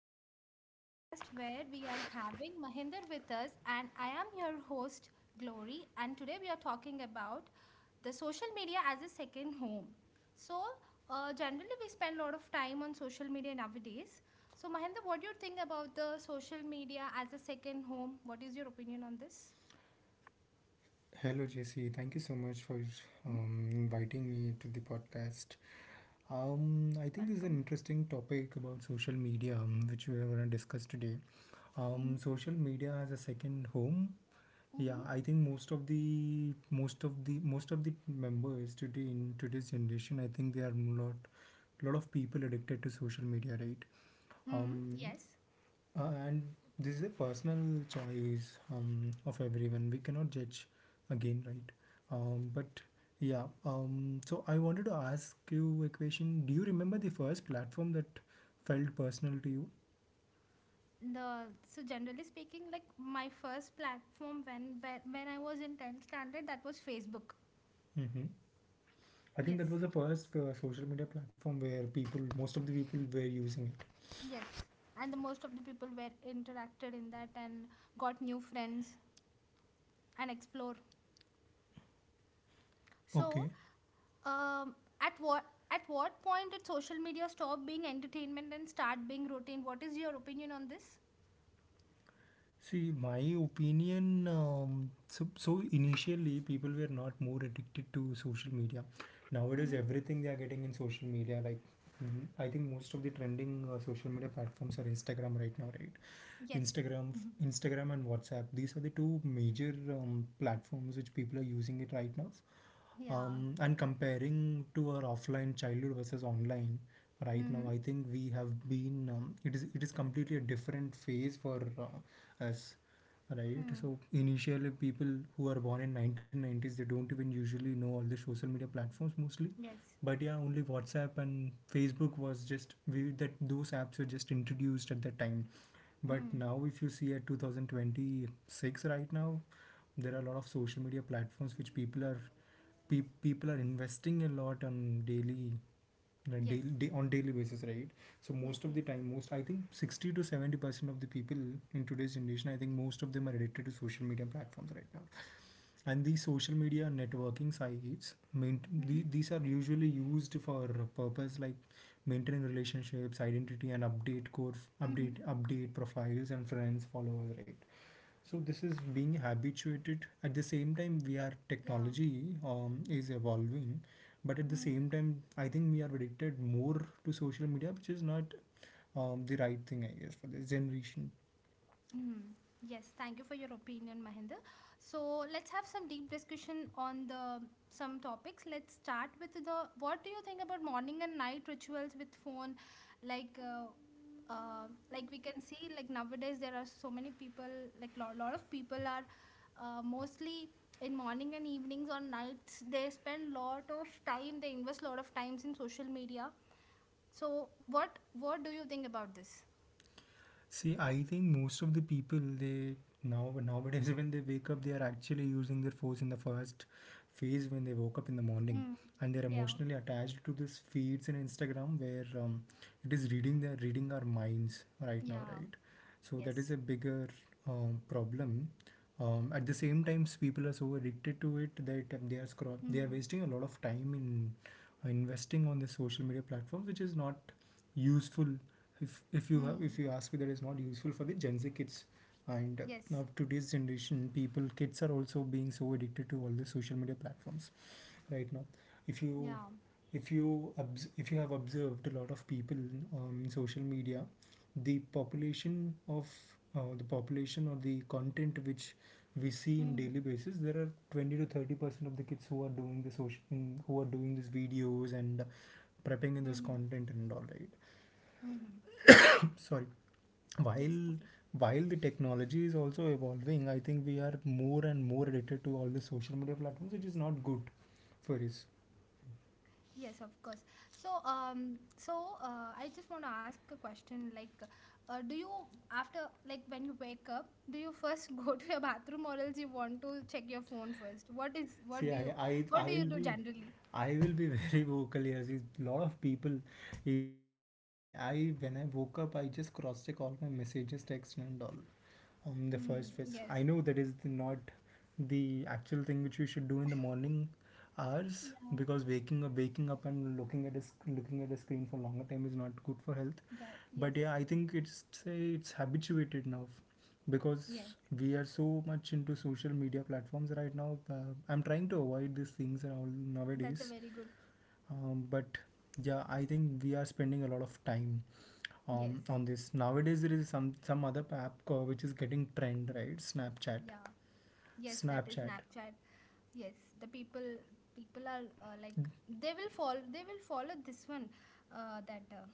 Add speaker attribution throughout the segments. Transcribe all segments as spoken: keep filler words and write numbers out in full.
Speaker 1: back to the podcast where we are having Mahinder with us, and I am your host, Glory. And today we are talking about the social media as a second home. So, uh, generally, we spend a lot of time on social media nowadays. So, Mahinder, what do you think about the social media as a second home? What is your opinion on this?
Speaker 2: Hello, Jesse. Thank you so much for
Speaker 1: Hmm?
Speaker 2: um, inviting me to the podcast. Um, I think this is an
Speaker 1: Welcome.
Speaker 2: interesting topic about social media, um, which we are going to discuss today.
Speaker 1: Mm-hmm.
Speaker 2: Um, social media as a second home. Yeah,
Speaker 1: Mm-hmm.
Speaker 2: I think most of the most of the most of the members today in today's generation, I think they are a lot lot of people addicted to social media, right?
Speaker 1: Mm-hmm.
Speaker 2: Um,
Speaker 1: Yes.
Speaker 2: uh, and This is a personal choice um, of everyone. We cannot judge again, right? Um, but yeah, um, so I wanted to ask you a question. Do you remember the first platform that felt personal to you?
Speaker 1: the so generally speaking, like, my first platform, when when, when I was in tenth standard, that was Facebook.
Speaker 2: Mm-hmm. I think
Speaker 1: Yes,
Speaker 2: that was the first uh, social media platform where people, most of the people, were using
Speaker 1: yes. And the most of the people were interacted in that and got new friends and explore.
Speaker 2: it.
Speaker 1: So
Speaker 2: Okay.
Speaker 1: um at what, at what point did social media stop being entertainment and start being routine? What is your opinion on this?
Speaker 2: See, my opinion, um, so, so initially people were not more addicted to social media. Nowadays,
Speaker 1: Mm-hmm.
Speaker 2: everything they are getting in social media, like mm, I think most of the trending uh, social media platforms are Instagram right now, right?
Speaker 1: Yes.
Speaker 2: Instagram,
Speaker 1: Mhm.
Speaker 2: Instagram and WhatsApp. These are the two major um, platforms which people are using it right now,
Speaker 1: Yeah.
Speaker 2: um, and comparing to our offline childhood versus online right now,
Speaker 1: Mm-hmm.
Speaker 2: I think we have been, um, it is it is completely a different phase for uh, us. Right,
Speaker 1: Mm.
Speaker 2: so initially people who are born in nineteen nineties, they don't even usually know all the social media platforms mostly,
Speaker 1: Yes.
Speaker 2: but yeah, only WhatsApp and Facebook was just, we that those apps were just introduced at that time. But
Speaker 1: Mm.
Speaker 2: now if you see at two thousand twenty-six right now, there are a lot of social media platforms which people are pe- people are investing a lot on daily, uh,
Speaker 1: Yes,
Speaker 2: daily day, on daily basis, right? So
Speaker 1: yes,
Speaker 2: most of
Speaker 1: yes.
Speaker 2: the time, most I think sixty to seventy percent of the people in today's generation, I think most of them are addicted to social media platforms right now. And these social media networking sites main, the,
Speaker 1: Mm-hmm.
Speaker 2: these are usually used for purpose like maintaining relationships, identity, and update core
Speaker 1: Mm-hmm.
Speaker 2: update update profiles and friends, followers, right? So this is being habituated. At the same time, we are
Speaker 1: Yeah.
Speaker 2: technology um, is evolving, but at the
Speaker 1: Hmm.
Speaker 2: same time, I think we are addicted more to social media, which is not um, the right thing, I guess, for this generation.
Speaker 1: Hmm. Yes, thank you for your opinion, Mahinder. So let's have some deep discussion on the some topics. Let's start with the, what do you think about morning and night rituals with phone? Like, uh, uh, like we can see, like, nowadays there are so many people like lot lot of people are uh, mostly in morning and evenings or nights, they spend lot of time, they invest lot of times in social media. So what what do you think about this?
Speaker 2: See, I think most of the people, they now nowadays when they wake up, they are actually using their phones in the first phase when they woke up in the morning,
Speaker 1: Mm.
Speaker 2: and they're
Speaker 1: Yeah.
Speaker 2: emotionally attached to this feeds in Instagram, where um, it is reading their reading our minds right now,
Speaker 1: Yeah.
Speaker 2: right? So that is a
Speaker 1: Yes.
Speaker 2: bigger um, problem. Um, at the same time, people are so addicted to it that um, they are scroll they are
Speaker 1: Hmm.
Speaker 2: wasting a lot of time in uh, investing on the social media platforms, which is not useful. If if you have if
Speaker 1: Hmm.
Speaker 2: you ask me, that is not useful for the Gen Z kids. And uh, now
Speaker 1: Yes.
Speaker 2: today's generation people, kids, are also being so addicted to all the social media platforms right now. if you
Speaker 1: Yeah.
Speaker 2: if you obs- if you have observed a lot of people um, in social media, the population of uh, the population or the content which we see in
Speaker 1: Hmm.
Speaker 2: daily basis, there are twenty to thirty percent of the kids who are doing the social in, who are doing these videos and prepping in
Speaker 1: Hmm.
Speaker 2: this
Speaker 1: Hmm.
Speaker 2: content and all, right?
Speaker 1: Hmm. Yes.
Speaker 2: Sorry.
Speaker 1: Yes.
Speaker 2: while
Speaker 1: Okay.
Speaker 2: while the technology is also evolving, I think we are more and more addicted to all the social media platforms, which is not good for us.
Speaker 1: Yes, of course. So, um, so uh, I just want to ask a question. Like, uh, do you, after, like, when you wake up, do you first go to your bathroom or else you want to check your phone first? What is,
Speaker 2: See,
Speaker 1: what do
Speaker 2: i
Speaker 1: you,
Speaker 2: i
Speaker 1: what do you
Speaker 2: i'll
Speaker 1: do
Speaker 2: be
Speaker 1: generally?
Speaker 2: i will be very vocal here. See, lot of people, including me, I I when I woke up, I just cross check all my messages, text, and all on the
Speaker 1: Hmm.
Speaker 2: first place. I
Speaker 1: Yes.
Speaker 2: know that is the, not the actual thing which we should do in the morning hours,
Speaker 1: Yeah.
Speaker 2: because waking up waking up and looking at a, sc- looking at the screen for longer time is not good for health.
Speaker 1: That.
Speaker 2: But yeah,
Speaker 1: Yes.
Speaker 2: I think it's it's habituated now, because
Speaker 1: Yes.
Speaker 2: we are so much into social media platforms right now. uh, I'm trying to avoid these things now
Speaker 1: That's a
Speaker 2: nowadays.
Speaker 1: very good.
Speaker 2: Um, but yeah, I think we are spending a lot of time
Speaker 1: Yes.
Speaker 2: um, on this nowadays. There is some some other app co- which is getting trend, right? Snapchat.
Speaker 1: Yeah. Yes. That is
Speaker 2: Snapchat
Speaker 1: Snapchat. Yes, the people, people are, uh, like, they will follow, they will follow this one, uh, that uh,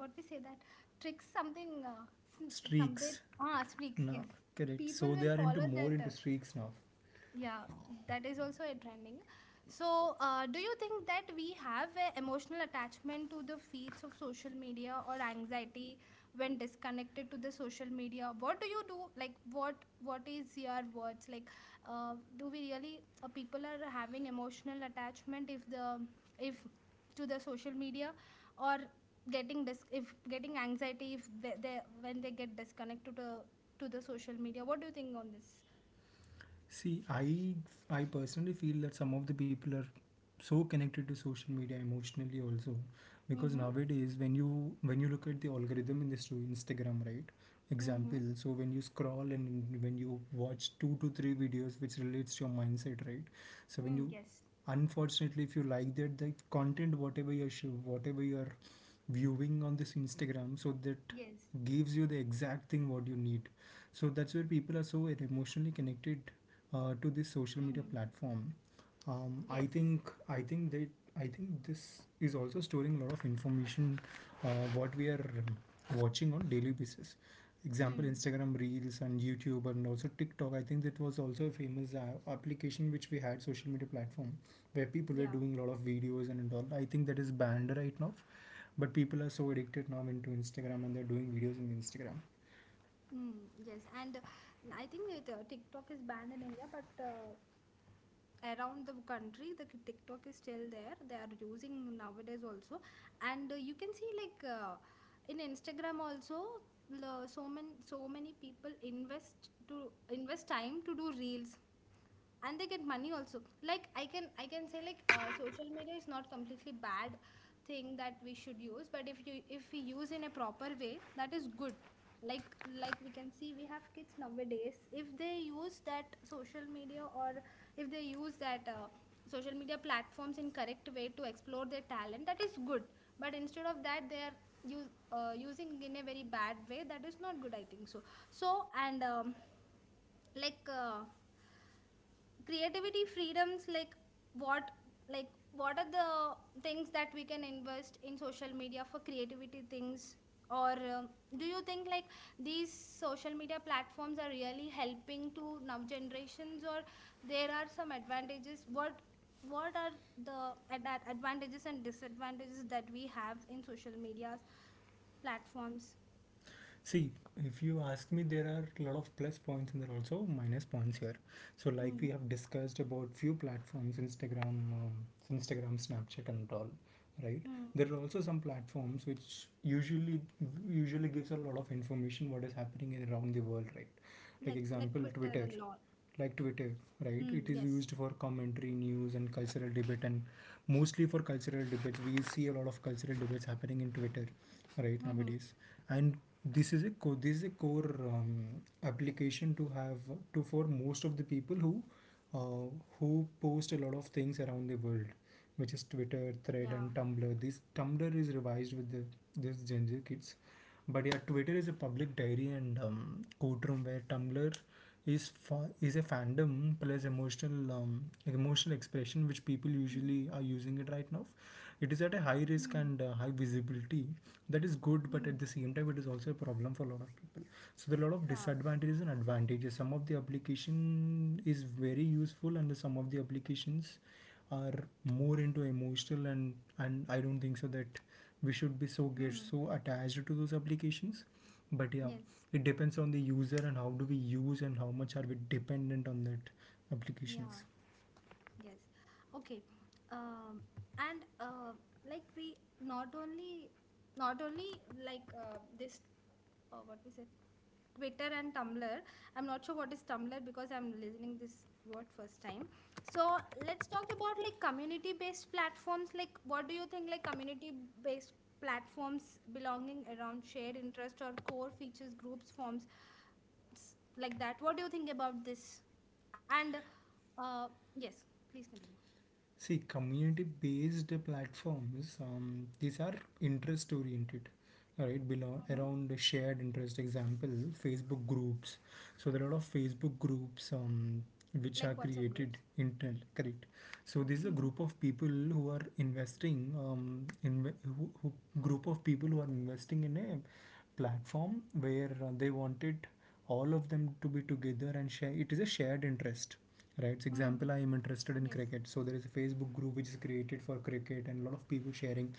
Speaker 1: what we say, that tricks something, uh, sn-
Speaker 2: streaks,
Speaker 1: something, ah, sneaks,
Speaker 2: now.
Speaker 1: yes.
Speaker 2: Correct, so
Speaker 1: People
Speaker 2: they
Speaker 1: will
Speaker 2: are into
Speaker 1: follow
Speaker 2: more
Speaker 1: that,
Speaker 2: into
Speaker 1: uh,
Speaker 2: streaks now.
Speaker 1: yeah, that is also a trending. So, uh, do you think that we have an emotional attachment to the feeds of social media or anxiety when disconnected to the social media? What do you do? Like, what what is your words? Like, uh, do we really, uh, people are having emotional attachment if the, if, to the social media, or getting dis- if getting anxiety if they, they, when they get disconnected to to the social media? What do you think on this?
Speaker 2: See, I I personally feel that some of the people are so connected to social media emotionally also, because
Speaker 1: Mm-hmm.
Speaker 2: nowadays when you when you look at the algorithm in this to Instagram, right?
Speaker 1: Mm-hmm.
Speaker 2: Example, so when you scroll and when you watch two to three videos which relates to your mindset, right? So when
Speaker 1: Mm,
Speaker 2: you,
Speaker 1: yes.
Speaker 2: unfortunately, if you like that, the content whatever you're sh- whatever you're viewing on this Instagram, so that
Speaker 1: Yes.
Speaker 2: gives you the exact thing what you need. So that's where people are so emotionally connected uh, to this social
Speaker 1: Mm,
Speaker 2: media platform. um, i
Speaker 1: yes.
Speaker 2: think i think that i think this is also storing a lot of information uh, what we are um, watching on daily basis. Example,
Speaker 1: Mm,
Speaker 2: Instagram Reels and YouTube, and also TikTok. I think that was also a famous uh, application which we had, social media platform, where people were
Speaker 1: yeah.
Speaker 2: doing a lot of videos and all. I think that is banned right now, but people are so addicted now into Instagram and they're doing videos in Instagram.
Speaker 1: Mm, yes. And uh, I think it, uh, TikTok is banned in India, but uh, around the country, the k- TikTok is still there. They are using nowadays also, and uh, you can see, like, uh, in Instagram also. The So many, so many people invest to invest time to do reels, and they get money also. Like, i can i can say, like, uh, social media is not completely bad thing that we should use, but if you, if we use in a proper way, that is good. like like we can see we have kids nowadays. If they use that social media, or if they use that uh, social media platforms in correct way to explore their talent, that is good. But instead of that, they are use, uh, using in a very bad way. That is not good, I think so. So and um, like, uh, creativity freedoms, like what, like what are the things that we can invest in social media for creativity things? Or um, do you think, like, these social media platforms are really helping to now generations? Or there are some advantages? what what are the ad- advantages and disadvantages that we have in social media platforms?
Speaker 2: See, if you ask me, there are a lot of plus points and there are also minus points here. So, like we
Speaker 1: Mm-hmm.
Speaker 2: have discussed about few platforms, Instagram, um, Instagram, Snapchat, and all, right? There are also some platforms which usually usually gives a lot of information what is happening around the world, right? Like
Speaker 1: Like like
Speaker 2: example,
Speaker 1: Twitter
Speaker 2: Twitter
Speaker 1: a lot.
Speaker 2: like Twitter, right?
Speaker 1: Mm,
Speaker 2: It is
Speaker 1: yes.
Speaker 2: used for commentary, news, and cultural debate, and mostly for cultural debates. We see a lot of cultural debates happening in Twitter, right,
Speaker 1: Mm-hmm.
Speaker 2: nowadays. And this is a co- this is a core um, application to have to for most of the people who uh, who post a lot of things around the world, which is Twitter, Thread, and
Speaker 1: Yeah.
Speaker 2: Tumblr. This Tumblr is revised with the this Gen Z kids. But yeah, Twitter is a public diary and um, courtroom, where Tumblr is fa- is a fandom plus emotional, um, emotional expression, which
Speaker 1: Mm.
Speaker 2: people usually are using it right now. It is at a high
Speaker 1: Mm-hmm.
Speaker 2: risk and uh, high visibility. That is good, but
Speaker 1: Mm.
Speaker 2: at the same time, it is also a problem for a lot of people. So there are a lot of
Speaker 1: Yeah.
Speaker 2: disadvantages and advantages. Some of the application is very useful, and some of the applications are more into emotional, and and I don't think so that we should be so, get
Speaker 1: Mm.
Speaker 2: so attached to those applications. But yeah,
Speaker 1: Yes.
Speaker 2: it depends on the user and how do we use and how much are we dependent on that
Speaker 1: Yeah.
Speaker 2: applications.
Speaker 1: Yes. Okay. Um, and uh, like we not only, not only, like, uh, this uh, what we said, Twitter and Tumblr. I'm not sure what is Tumblr, because I'm listening this word first time. So let's talk about like community based platforms. Like, what do you think, like, community based platforms belonging around shared interest or core features, groups, forms, s- like that? What do you think about this? And uh yes, please continue.
Speaker 2: See, community-based platforms, um, these are interest-oriented, right? Below
Speaker 1: Hmm.
Speaker 2: around the shared interest. Example, Facebook groups. So there are a lot of Facebook groups um, which
Speaker 1: Like
Speaker 2: are
Speaker 1: WhatsApp
Speaker 2: created
Speaker 1: groups.
Speaker 2: internal, correct? So this is a
Speaker 1: Mm-hmm.
Speaker 2: group of people who are investing um, in who, who group of people who are investing in a platform where uh, they wanted all of them to be together and share. It is a shared interest. Right. So
Speaker 1: Mm.
Speaker 2: example, I am interested in
Speaker 1: Yes.
Speaker 2: cricket. So there is a Facebook group which is created for cricket, and a lot of people sharing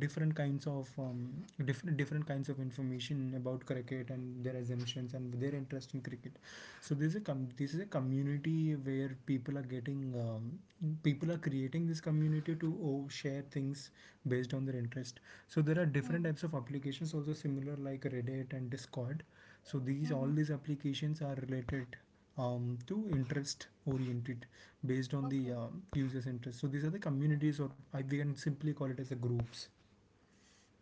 Speaker 2: different kinds of, um, different different kinds of information about cricket and their assumptions and their interest in cricket. So this is a com- this is a community where people are getting, um, people are creating this community to oh, share things based on their interest. So there are different
Speaker 1: Mm.
Speaker 2: types of applications also, similar like Reddit and Discord. So these,
Speaker 1: Mm-hmm.
Speaker 2: all these applications are related um, to interest oriented, based on the
Speaker 1: Okay.
Speaker 2: um, user's interest. So these are the communities, or I, we can simply call it as a groups.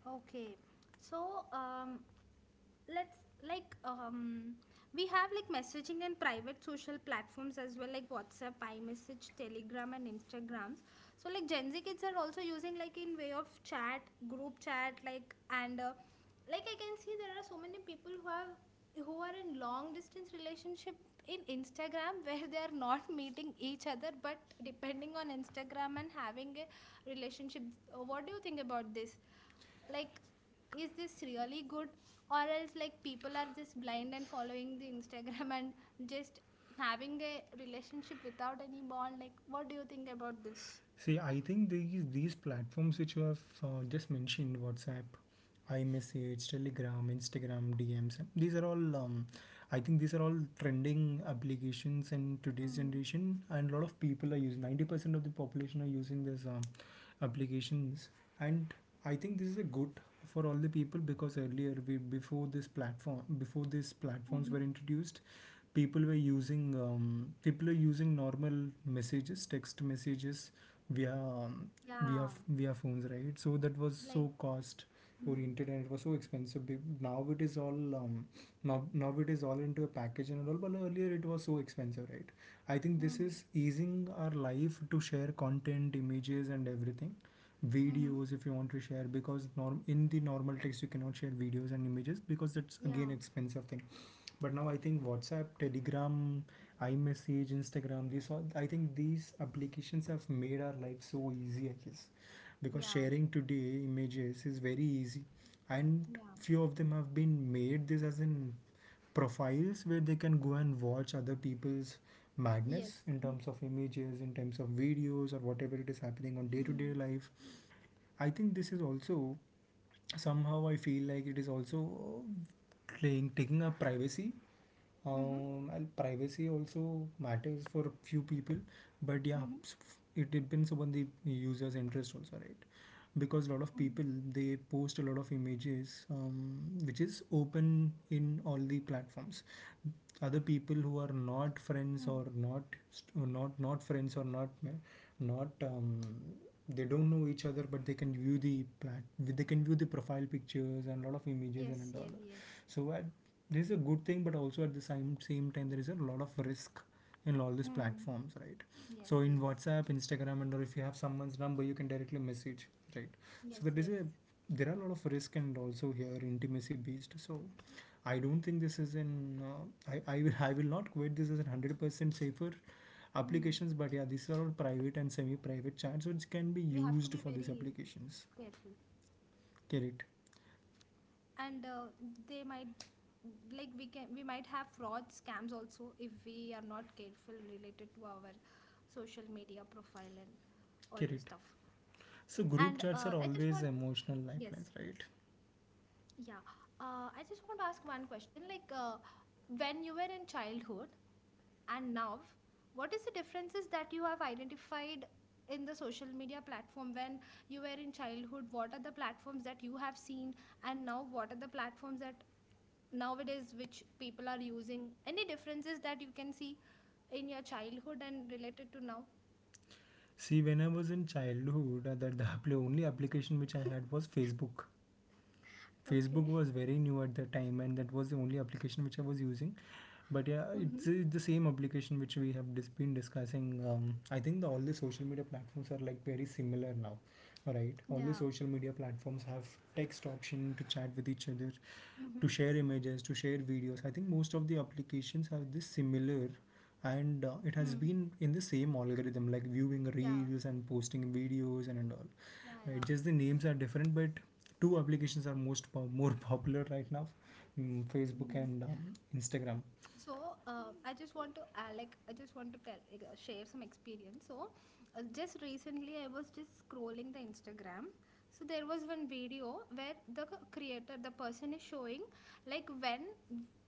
Speaker 1: Okay. So, um, let's, like um we have, like, messaging and private social platforms as well, like WhatsApp, iMessage, Telegram, and Instagrams. So, like, Gen Z kids are also using, like, in way of chat, group chat, like, and uh, like, I can see there are so many people who have, who are in long distance relationship in Instagram where they are not meeting each other, but depending on Instagram and having a relationship. Uh, what do you think about this? Like, is this really good, or else, like, people are just blind and following the Instagram and just having a relationship without any bond? Like, what do you think about this?
Speaker 2: See, I think these these platforms which you have uh, just mentioned, WhatsApp, iMessage, Telegram, Instagram, D Ms, and these are all. Um, I think these are all trending applications in today's
Speaker 1: Mm.
Speaker 2: generation, and a lot of people are using. Ninety percent of the population are using this um, applications, and I think this is a good for all the people because earlier we before this platform, before these platforms were
Speaker 1: Mm-hmm.
Speaker 2: introduced, people were using um, people are using normal messages, text messages via um,
Speaker 1: Yeah.
Speaker 2: via via phones, right? So that was
Speaker 1: Like,
Speaker 2: so cost
Speaker 1: mm.
Speaker 2: oriented and it was so expensive. Be- now it is all um, now now it is all into a package and all, but earlier it was so expensive, right? I think this
Speaker 1: Mm.
Speaker 2: is easing our life to share content, images, and everything,
Speaker 1: Mm-hmm.
Speaker 2: videos if you want to share, because norm in the normal text you cannot share videos and images because that's
Speaker 1: Yeah,
Speaker 2: again expensive thing. But now I think WhatsApp, Telegram, iMessage, Instagram, these all, I think these applications have made our life so easy, I guess, because
Speaker 1: yeah,
Speaker 2: sharing today images is very easy. And
Speaker 1: yeah.
Speaker 2: few of them have been made this as in profiles where they can go and watch other people's
Speaker 1: Yes.
Speaker 2: madness in terms of images, in terms of videos, or whatever it is happening on day to day
Speaker 1: Mm.
Speaker 2: life. I think this is also, somehow I feel like it is also playing, taking up privacy,
Speaker 1: Mm-hmm.
Speaker 2: um, and privacy also matters for few people. But yeah,
Speaker 1: Mm-hmm.
Speaker 2: s- it depends upon the user's interest also, right? Because a lot of
Speaker 1: Mm.
Speaker 2: people, they post a lot of images um, which is open in all the platforms. Other people who are not
Speaker 1: Mm-hmm.
Speaker 2: friends or not not not friends or not not um, they don't know each other, but they can view the plat- they can view the profile pictures and a lot of images
Speaker 1: Yes,
Speaker 2: and, and
Speaker 1: yes,
Speaker 2: all.
Speaker 1: yes.
Speaker 2: so at, this is a good thing, but also at the same same time there is a lot of risk in all these
Speaker 1: Mm.
Speaker 2: platforms, right?
Speaker 1: Yes,
Speaker 2: So in
Speaker 1: yes,
Speaker 2: WhatsApp, Instagram, and or if you have someone's number, you can directly message, right? So
Speaker 1: yes,
Speaker 2: that is a,
Speaker 1: yes.
Speaker 2: there are a lot of risk, and also here intimacy based. So I don't think this is in. Uh, I, I will I will not quote this as a hundred percent safer
Speaker 1: Mm.
Speaker 2: applications, but yeah, these are all private and semi-private chats which can be
Speaker 1: We
Speaker 2: used
Speaker 1: have
Speaker 2: for
Speaker 1: to be
Speaker 2: these
Speaker 1: very
Speaker 2: applications.
Speaker 1: careful.
Speaker 2: Get it?
Speaker 1: And uh, they might, like, we can, we might have fraud scams also if we are not careful related to our social media profile and all
Speaker 2: Get
Speaker 1: this
Speaker 2: it?
Speaker 1: stuff.
Speaker 2: So group
Speaker 1: And
Speaker 2: chats are
Speaker 1: uh, I just
Speaker 2: always
Speaker 1: want,
Speaker 2: emotional
Speaker 1: yes,
Speaker 2: lifelines, right?
Speaker 1: yeah, uh, I just want to ask one question. Like, uh, when you were in childhood and now, what is the differences that you have identified in the social media platform? When you were in childhood, what are the platforms that you have seen, and now what are the platforms that nowadays which people are using? Any differences that you can see in your childhood and related to now?
Speaker 2: See, when I was in childhood, uh, that the only application which I had was Facebook. Facebook
Speaker 1: Okay.
Speaker 2: was very new at that time, and that was the only application which I was using. But yeah, it's,
Speaker 1: Mm-hmm.
Speaker 2: it's the same application which we have dis- been discussing. um, I think the, all the social media platforms are like very similar now, right? All the
Speaker 1: Yeah.
Speaker 2: social media platforms have text option to chat with each other,
Speaker 1: Mm-hmm.
Speaker 2: to share images, to share videos. I think most of the applications are this similar. And uh, it has
Speaker 1: Mm.
Speaker 2: been in the same algorithm, like viewing
Speaker 1: Yeah,
Speaker 2: reels and posting videos and, and all,
Speaker 1: yeah,
Speaker 2: right?
Speaker 1: yeah.
Speaker 2: Just the names are different, but two applications are most po- more popular right now, mm, Facebook
Speaker 1: Mhm.
Speaker 2: and um, Instagram.
Speaker 1: So, uh, I just want to, uh, like, I just want to tell, like, uh, share some experience. So uh, just recently, I was just scrolling the Instagram. So there was one video where the c- creator, the person, is showing, like, when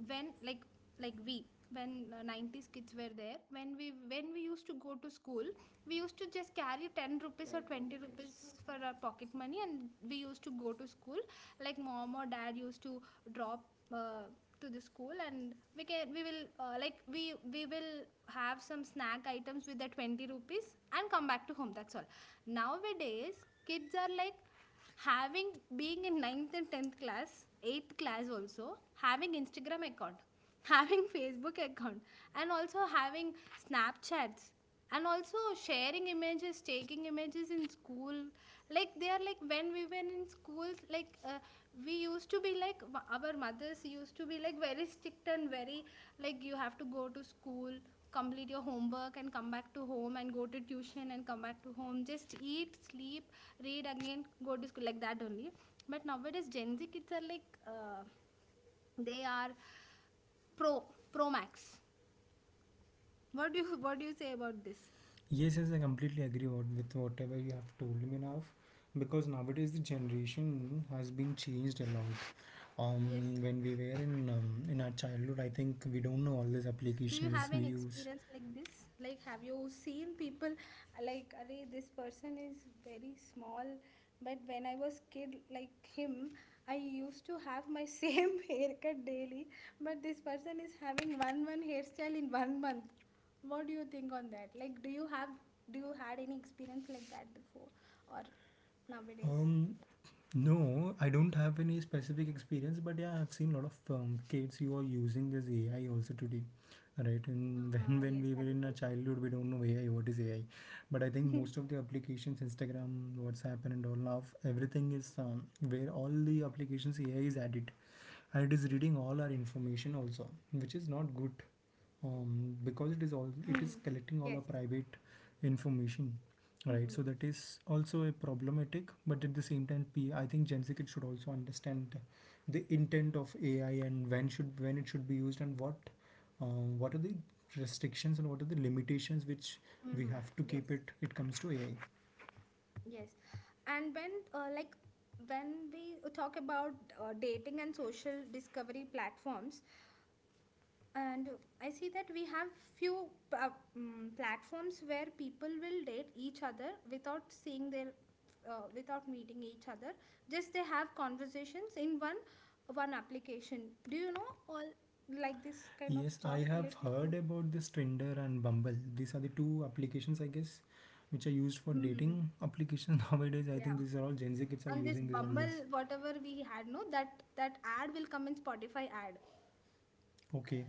Speaker 1: when like like we, when uh, nineties kids were there, when we, when we used to go to school, we used to just carry ten rupees or twenty rupees for our pocket money, and we used to go to school. Like, mom or dad used to drop, uh, to the school, and we can, we will, uh, like, we we will have some snack items with the twenty rupees and come back to home, that's all. Nowadays, kids are, like, having, being in ninth and tenth class, eighth class, also having instagram account, having facebook account, and also having snapchats, and also sharing images, taking images in school. Like, they are like, when we were in schools, like, uh, we used to be like, our mothers used to be like very strict and very, like, you have to go to school, complete your homework and come back to home, and go to tuition and come back to home, just eat, sleep, read, again go to school, like that only. But nowadays, Gen Z kids are like, uh, they are pro pro max. What do you what do you say about this?
Speaker 2: Yes, yes, I completely agree what- with whatever you have told me now, because nowadays the generation has been changed a lot.
Speaker 1: Yes.
Speaker 2: Um, when we were in um, in our childhood, I think we don't know all these
Speaker 1: Do you
Speaker 2: applications
Speaker 1: have an
Speaker 2: we use.
Speaker 1: experience like this? Like, have you seen people, uh, like, "Arey, this person is very small," but when I was kid like him, I used to have my same haircut daily, but this person is having one one hairstyle in one month. What do you think on that? Like, do you have, do you had any experience like that before or nowadays?
Speaker 2: Um, No, I don't have any specific experience, but yeah, I've seen a lot of um, kids who are using this A I also today, right? And when
Speaker 1: Ah,
Speaker 2: when
Speaker 1: yes,
Speaker 2: we
Speaker 1: that
Speaker 2: were
Speaker 1: is
Speaker 2: in our childhood, we don't know A I, what is A I, but I think
Speaker 1: also.
Speaker 2: most of the applications, Instagram, WhatsApp, and all now, everything is um, where all the applications A I is added, and it is reading all our information also, which is not good, um, because it is all it is
Speaker 1: Mm.
Speaker 2: collecting all our
Speaker 1: Yes.
Speaker 2: private information, right? So
Speaker 1: Mm-hmm.
Speaker 2: that is also a problematic. But at the same time, P, I think gensic should also understand the intent of A I and when should when it should be used, and what uh, what are the restrictions and what are the limitations which we
Speaker 1: Mm-hmm.
Speaker 2: have to
Speaker 1: Yes.
Speaker 2: keep it it comes to A I.
Speaker 1: Yes, and when, uh, like, when we talk about uh, dating and social discovery platforms, and I see that we have few, uh, um, platforms where people will date each other without seeing their, uh, without meeting each other. Just they have conversations in one one application. Do you know all like this kind of
Speaker 2: Yes, I
Speaker 1: stuff
Speaker 2: have
Speaker 1: related to?
Speaker 2: heard about this, Tinder and Bumble, these are the two applications I guess which are used for dating
Speaker 1: Mm,
Speaker 2: applications. Nowadays, I think
Speaker 1: yeah,
Speaker 2: these are all Gen Z kids are
Speaker 1: and this
Speaker 2: using this all
Speaker 1: Bumble,
Speaker 2: this.
Speaker 1: whatever we had, no, that, that ad will come in Spotify ad.
Speaker 2: Okay.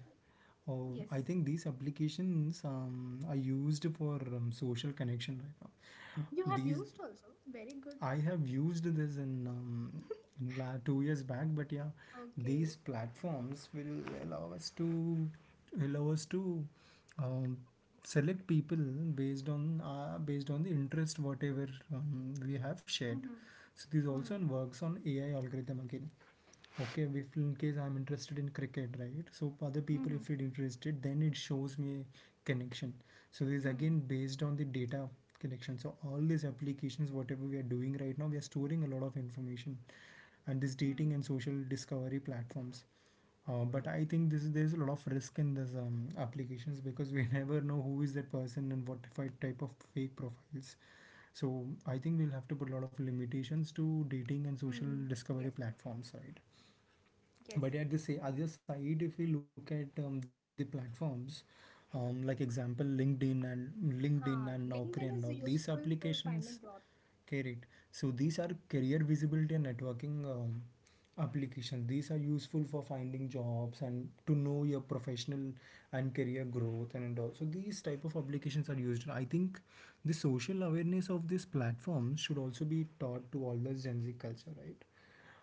Speaker 2: Oh,
Speaker 1: Yes,
Speaker 2: I think these applications um, are used for um, social connection right now.
Speaker 1: you have
Speaker 2: These,
Speaker 1: used also. Very good.
Speaker 2: I have used this in, um, in la- two years back, but yeah, these
Speaker 1: Okay.
Speaker 2: platforms will allow us to allow us to um, select people based on uh, based on the interest whatever um, we have shared.
Speaker 1: Mm-hmm.
Speaker 2: So this
Speaker 1: Mm-hmm.
Speaker 2: also works on A I algorithm again. Okay, if in case I'm interested in cricket, right, so other people if it interested, then it shows me a connection. So this is
Speaker 1: Mm-hmm.
Speaker 2: again based on the data collection. So all these applications, whatever we are doing right now, we are storing a lot of information, and this
Speaker 1: Mm-hmm.
Speaker 2: dating and social discovery platforms, uh, but I think this is, there's a lot of risk in this um, applications, because we never know who is that person and what fi- type of fake profiles. So I think we'll have to put a lot of limitations to dating and social
Speaker 1: Mm-hmm. Yes,
Speaker 2: discovery platforms, right?
Speaker 1: yes.
Speaker 2: But at the sa- other side, if we look at um, the platforms, um, like example LinkedIn, and linkedin and
Speaker 1: Huh.
Speaker 2: Naukri and
Speaker 1: LinkedIn
Speaker 2: all
Speaker 1: is
Speaker 2: these
Speaker 1: useful for
Speaker 2: applications
Speaker 1: finding job.
Speaker 2: carried, so these are career visibility and networking um, applications. These are useful for finding jobs and to know your professional and career growth and, and all. So these type of applications are used. I think the social awareness of these platforms should also be taught to all the Gen Z culture, right?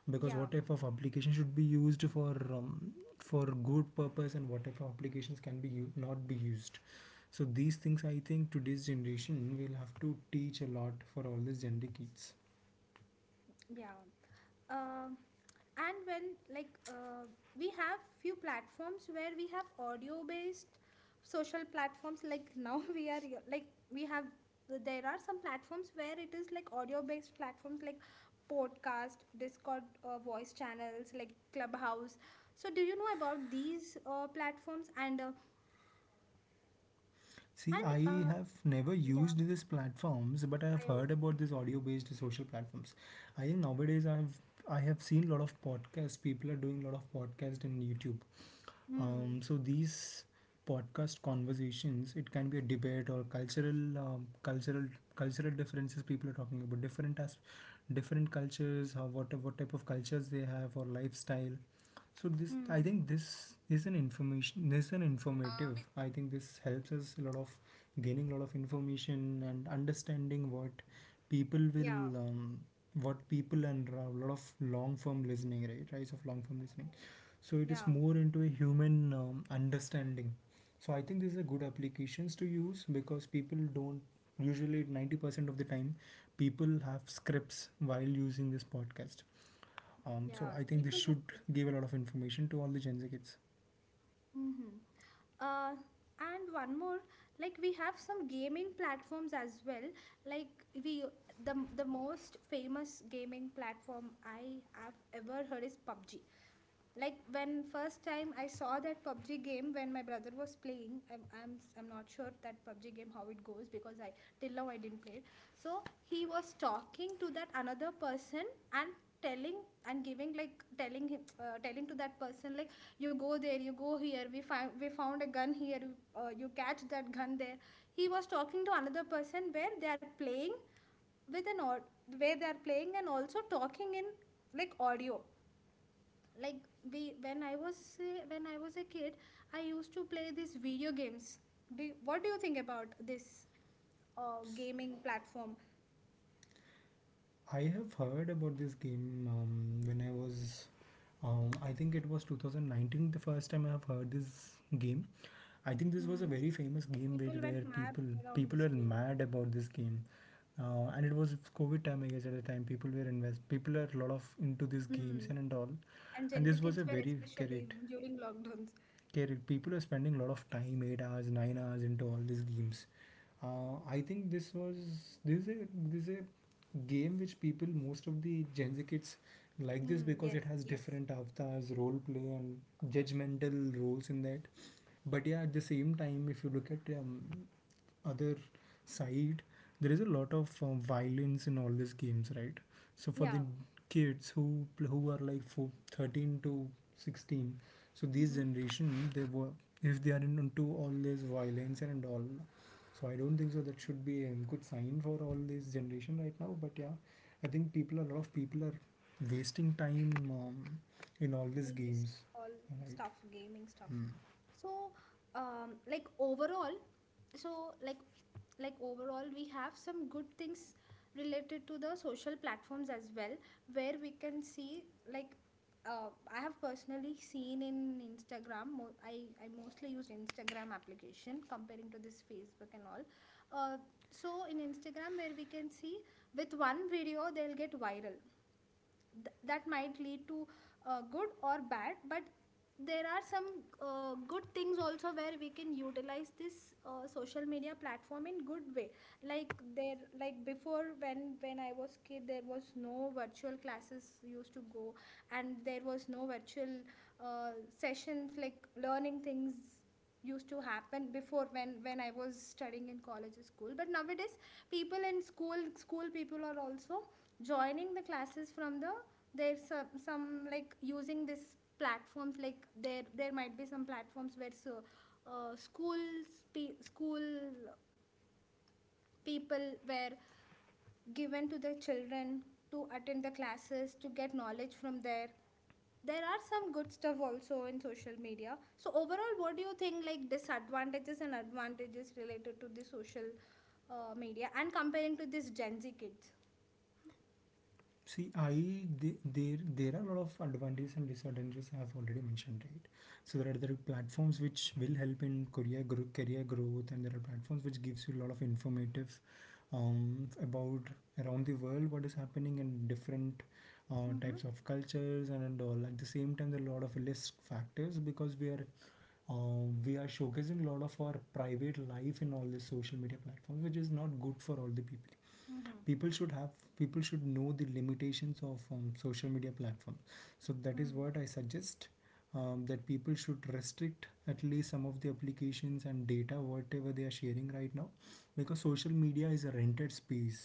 Speaker 2: Because
Speaker 1: Yeah.
Speaker 2: what type of application should be used for um, for good purpose, and what type of applications can be u- not be used. So these things, I think today's generation will have to teach a lot for all these gender kids.
Speaker 1: Yeah. Um, and when, like, uh, we have few platforms where we have audio based social platforms, like, now we are, like, we have, there are some platforms where it is like audio based platforms, like podcast, Discord, uh, voice channels like Clubhouse. So do you know about these uh, platforms? And uh,
Speaker 2: See,
Speaker 1: and
Speaker 2: I
Speaker 1: uh,
Speaker 2: have never
Speaker 1: yeah,
Speaker 2: used these platforms, but I have
Speaker 1: I also,
Speaker 2: heard about these audio based social platforms. I think nowadays i have I have seen a lot of podcasts, people are doing a lot of podcasts in YouTube. Um,
Speaker 1: hmm,
Speaker 2: so these podcast conversations, it can be a debate or cultural, um, cultural, cultural differences, people are talking about different as different cultures, how what what type of cultures they have or lifestyle. So this, I
Speaker 1: hmm,
Speaker 2: think, this is an information. This is an informative. Uh, I think this helps us a lot of gaining a lot of information and understanding what people
Speaker 1: yeah,
Speaker 2: will, um, what people, and a lot of long form listening, right? Rise of long form listening. So it is
Speaker 1: yeah,
Speaker 2: more into a human um, understanding. So I think these are good applications to use because people don't usually, ninety percent of the time, people have scripts while using this podcast, um, so
Speaker 1: yeah,
Speaker 2: I think this
Speaker 1: people have
Speaker 2: should give a
Speaker 1: subscribed
Speaker 2: lot
Speaker 1: to.
Speaker 2: of information to all the Gen Z kids.
Speaker 1: Mm-hmm. uh, and one more, like, we have some gaming platforms as well. Like we the the most famous gaming platform I have ever heard is PUBG. Like, when first time I saw that PUBG game, when my brother was playing, I'm, I'm I'm not sure that PUBG game how it goes, because i Till now I didn't play it. So he was talking to that another person, and telling, and giving, like, telling him, uh, telling to that person, like, you go there, you go here, we find, we found a gun here. Uh, you catch that gun there. He was talking to another person where they are playing with an or, where they are playing and also talking in, like, audio. Like, we, when I was uh, when I was a kid, I used to play these video games. Do you- what do you think about this uh, gaming platform?
Speaker 2: I have heard about this game um, when I was. Um, I think it was twenty nineteen the first time I have heard this game. I think this was a
Speaker 1: Mm.
Speaker 2: very famous game where,
Speaker 1: People
Speaker 2: where
Speaker 1: went mad
Speaker 2: people,
Speaker 1: around
Speaker 2: people
Speaker 1: this
Speaker 2: were
Speaker 1: game.
Speaker 2: mad about this game, uh, and it was COVID time I guess, at the time people were invest people were a lot of into these games
Speaker 1: Mm.
Speaker 2: and, and all,
Speaker 1: And
Speaker 2: and
Speaker 1: Gen Z
Speaker 2: this was a
Speaker 1: kids were
Speaker 2: very
Speaker 1: especially
Speaker 2: correct.
Speaker 1: during lockdowns.
Speaker 2: People are spending a lot of time, eight hours, nine hours into all these games. Uh, I think this was this is a this is a game which people, most of the Gen Z kids like this
Speaker 1: Mm,
Speaker 2: because
Speaker 1: yes,
Speaker 2: it has
Speaker 1: yes.
Speaker 2: different avatars, role play, and judgmental roles in that. But yeah, at the same time, if you look at um, other side, there is a lot of uh, violence in all these games, right? So for
Speaker 1: Yeah.
Speaker 2: the kids who who are like for thirteen to sixteen, so this
Speaker 1: Mm-hmm.
Speaker 2: generation they were, if they are into all this violence and all, so I don't think so that should be a good sign for all this generation right now. But yeah, I think people a lot of people are wasting time um, in all these
Speaker 1: In this
Speaker 2: games,
Speaker 1: all
Speaker 2: right?
Speaker 1: stuff, gaming stuff. So, um like, overall, so, like like overall we have some good things related to the social platforms as well, where we can see, like, uh, I have personally seen in Instagram, mo- i I mostly used Instagram application comparing to this Facebook and all. uh, so in Instagram, where we can see, with one video they'll get viral. Th- that might lead to uh, good or bad, but there are some uh, good things also, where we can utilize this uh, social media platform in good way. Like, there, like, before, when when I was kid, there was no virtual classes used to go, and there was no virtual uh, sessions, like, learning things used to happen before, when when I was studying in college or school. But nowadays people in school, school people are also joining the classes from the, there's some, some like, using this platforms, like there there might be some platforms where so, uh, schools, pe- school people were given to the children to attend the classes, to get knowledge from there. There are some good stuff also in social media. So overall, what do you think, like, disadvantages and advantages related to the social uh, media, and comparing to this Gen Z kids?
Speaker 2: See, I the- there there are a lot of advantages and disadvantages I have already mentioned, right? So there are, there are platforms which will help in career gro- career growth, and there are platforms which gives you a lot of informative um, about around the world what is happening in different uh,
Speaker 1: Mm-hmm.
Speaker 2: types of cultures and, and all. At the same time, there are a lot of risk factors because we are um, we are showcasing a lot of our private life in all the social media platforms, which is not good for all the people.
Speaker 1: Mm-hmm.
Speaker 2: People should have People should know the limitations of um, social media platform. So that is
Speaker 1: Mm-hmm.
Speaker 2: what I suggest, um, that people should restrict at least some of the applications and data whatever they are sharing right now, because social media is a rented space,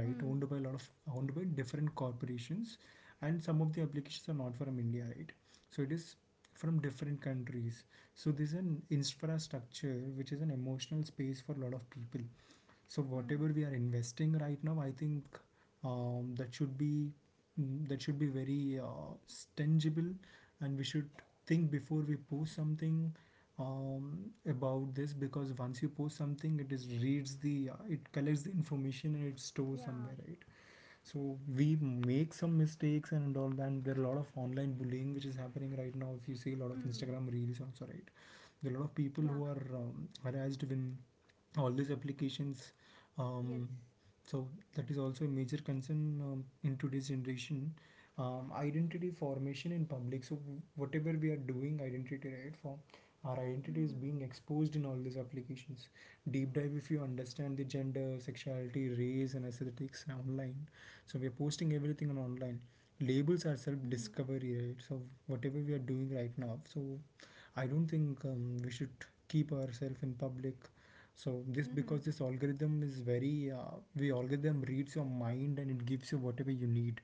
Speaker 2: right, owned by a lot of owned by different corporations. And some of the applications are not from India, right? so it is From different countries. So this is an infrastructure which is an emotional space for a lot of people. So
Speaker 1: Mm-hmm.
Speaker 2: whatever we are investing right now, I think um, that should be mm, that should be very uh, tangible, and we should think before we post something um, about this, because once you post something, it is reads the uh, it collects the information and it stores
Speaker 1: Yeah.
Speaker 2: somewhere, right? So we make some mistakes and all that. And there are a lot of online bullying which is happening right now. If you see a lot of
Speaker 1: Mm.
Speaker 2: Instagram reels also, right? There are a lot of people
Speaker 1: Yeah.
Speaker 2: who are um, harassed when all these applications
Speaker 1: Yes.
Speaker 2: um, so that is also a major concern um, in today's generation, um, identity formation in public. So whatever we are doing identity right form, our identity is
Speaker 1: Hmm.
Speaker 2: being exposed in all these applications. Deep dive, if you understand the gender, sexuality, race and aesthetics online, so we are posting everything on online. Labels are self
Speaker 1: Hmm.
Speaker 2: discovery, right? So whatever we are doing right now, so I don't think um, we should keep ourselves in public. So this
Speaker 1: Hmm.
Speaker 2: because this algorithm is very uh, the algorithm reads your mind and it gives you whatever you need.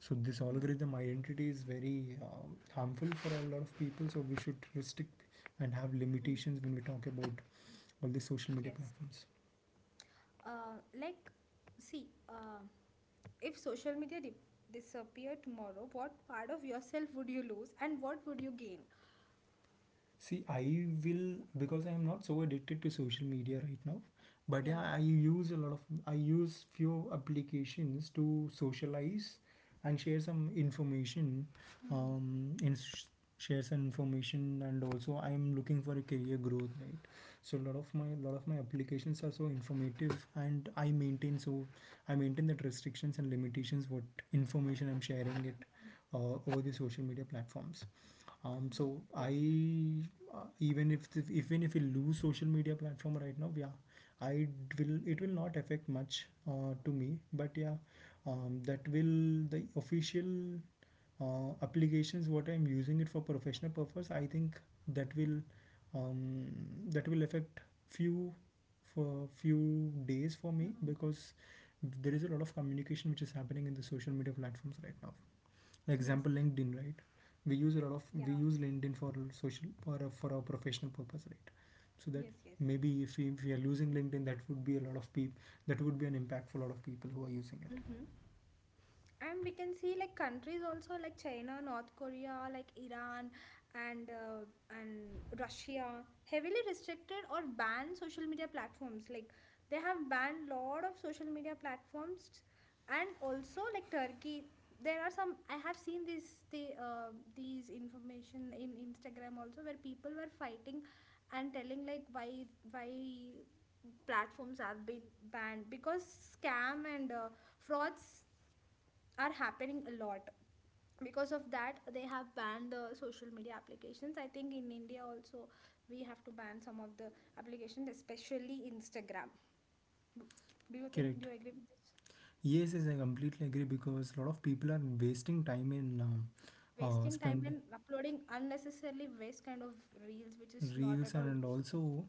Speaker 2: So this
Speaker 1: Hmm.
Speaker 2: algorithm identity is very um, harmful for a lot of people. So we should restrict and have
Speaker 1: Hmm.
Speaker 2: limitations when we talk about all the social media
Speaker 1: Yes.
Speaker 2: platforms.
Speaker 1: Uh, like, see, uh, if social media dip, disappear tomorrow, what part of yourself would you lose, and what would you gain?
Speaker 2: See, I will, because I am not so addicted to social media right now. But yeah,
Speaker 1: Yeah.
Speaker 2: I use a lot of I use few applications to socialize and share some information.
Speaker 1: Hmm.
Speaker 2: Um, in share some information, and also I am looking for a career growth, right? So a lot of my lot of my applications are so informative, and I maintain so I maintain that restrictions and limitations what information I'm sharing it
Speaker 1: Hmm.
Speaker 2: uh, over the social media platforms. Um,
Speaker 1: Yes.
Speaker 2: so I uh, even if th- even if we lose social media platform right now, yeah, I d- will it will not affect much uh, to me. But yeah, um, that will the official uh, applications what I'm using it for professional purpose. I think that will um, that will affect few for few days for me,
Speaker 1: Hmm.
Speaker 2: because there is a lot of communication which is happening in the social media platforms right now.
Speaker 1: Yes.
Speaker 2: Example, LinkedIn, right? We use a lot of
Speaker 1: Yeah.
Speaker 2: we use LinkedIn for social for a, for our professional purpose, right? so that
Speaker 1: Yes. Yes.
Speaker 2: maybe if we, if we are losing LinkedIn, that would be a lot of people that would be an impact for a lot of people who are using it.
Speaker 1: Mm-hmm. And we can see, like, countries also, like China, North Korea, like Iran, and uh, and Russia heavily restricted or banned social media platforms. Like, they have banned lot of social media platforms. And also, like, Turkey. There are some, I have seen this, the uh, these information in Instagram also, where people were fighting and telling, like, why, why platforms have been banned, because scam and uh, frauds are happening a lot. Because of that, they have banned the social media applications. I think in India also we have to ban some of the applications, especially Instagram. Do you think do
Speaker 2: Correct.
Speaker 1: you agree with this?
Speaker 2: Yes, yes, I completely agree, because a lot of people are wasting time in um, uh,
Speaker 1: Wasting time
Speaker 2: spending
Speaker 1: and uploading unnecessarily waste kind of reels, which is not
Speaker 2: reels,
Speaker 1: at
Speaker 2: and,
Speaker 1: all.
Speaker 2: and also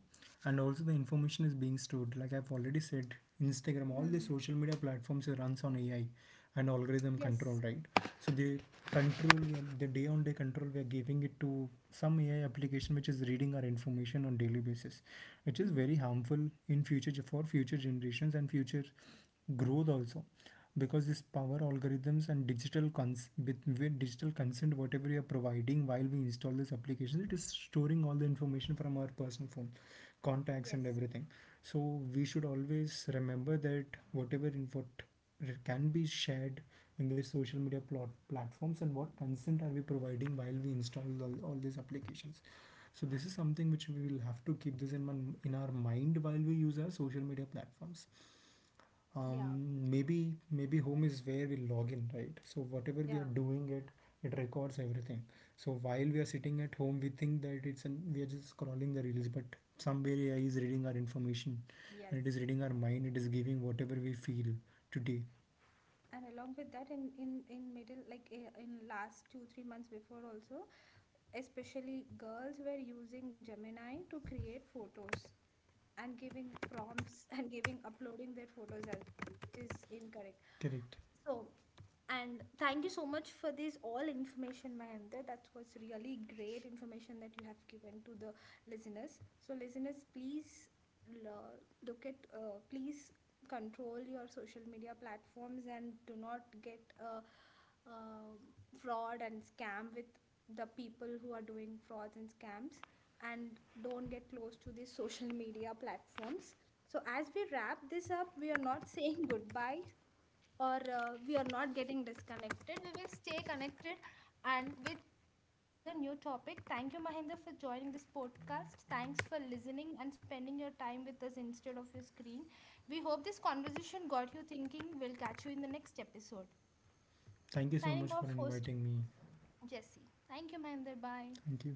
Speaker 2: and also the information is being stored. Like I've already said, Instagram, all the
Speaker 1: Hmm.
Speaker 2: social media platforms runs on A I and algorithm control,
Speaker 1: Yes.
Speaker 2: right? So the control the day on day control we are giving it to some A I application which is reading our information on daily basis, which is
Speaker 1: Hmm.
Speaker 2: very harmful in future, for future generations and future growth also. Because this power algorithms and digital cons with, with digital consent whatever you are providing while we install this application, it is storing all the information from our personal phone, contacts and
Speaker 1: Yes.
Speaker 2: everything. So we should always remember that whatever in can be shared in the social media plot platforms, and what consent are we providing while we install all, all these applications. So this is something which we will have to keep this in, man, in our mind while we use our social media platforms.
Speaker 1: Yeah.
Speaker 2: Um, maybe maybe home is where we log in, right? So whatever we
Speaker 1: Yeah.
Speaker 2: are doing it, it records everything. So while we are sitting at home, we think that it's an we are just scrolling the reels, but somewhere A I is reading our information and it is
Speaker 1: Yes.
Speaker 2: reading our mind, it is giving whatever we feel today.
Speaker 1: And along with that, in in in middle, like, eh, in last two three months before also, especially girls were using Gemini to create photos, and giving prompts and giving, uploading their photos as well, which is incorrect.
Speaker 2: Correct.
Speaker 1: So, and thank you so much for this all information, Mahendra. That was really great information that you have given to the listeners. So, listeners, please, lo- look at, uh, please control your social media platforms, and do not get uh, uh, fraud and scam with the people who are doing frauds and scams, and don't get close to these social media platforms. So, as we wrap this up, we are not saying goodbye, or uh, we are not getting disconnected. We will stay connected, and with with another new topic. Thank you, Mahinda, for joining this podcast. Thanks for listening and spending your time with us instead of your screen. We hope this conversation got you thinking. We'll catch you in the next episode.
Speaker 2: Thank you so
Speaker 1: Signing
Speaker 2: much
Speaker 1: off,
Speaker 2: for
Speaker 1: host
Speaker 2: inviting me.
Speaker 1: Jesse. Thank you, Mahinder. Bye.
Speaker 2: Thank you.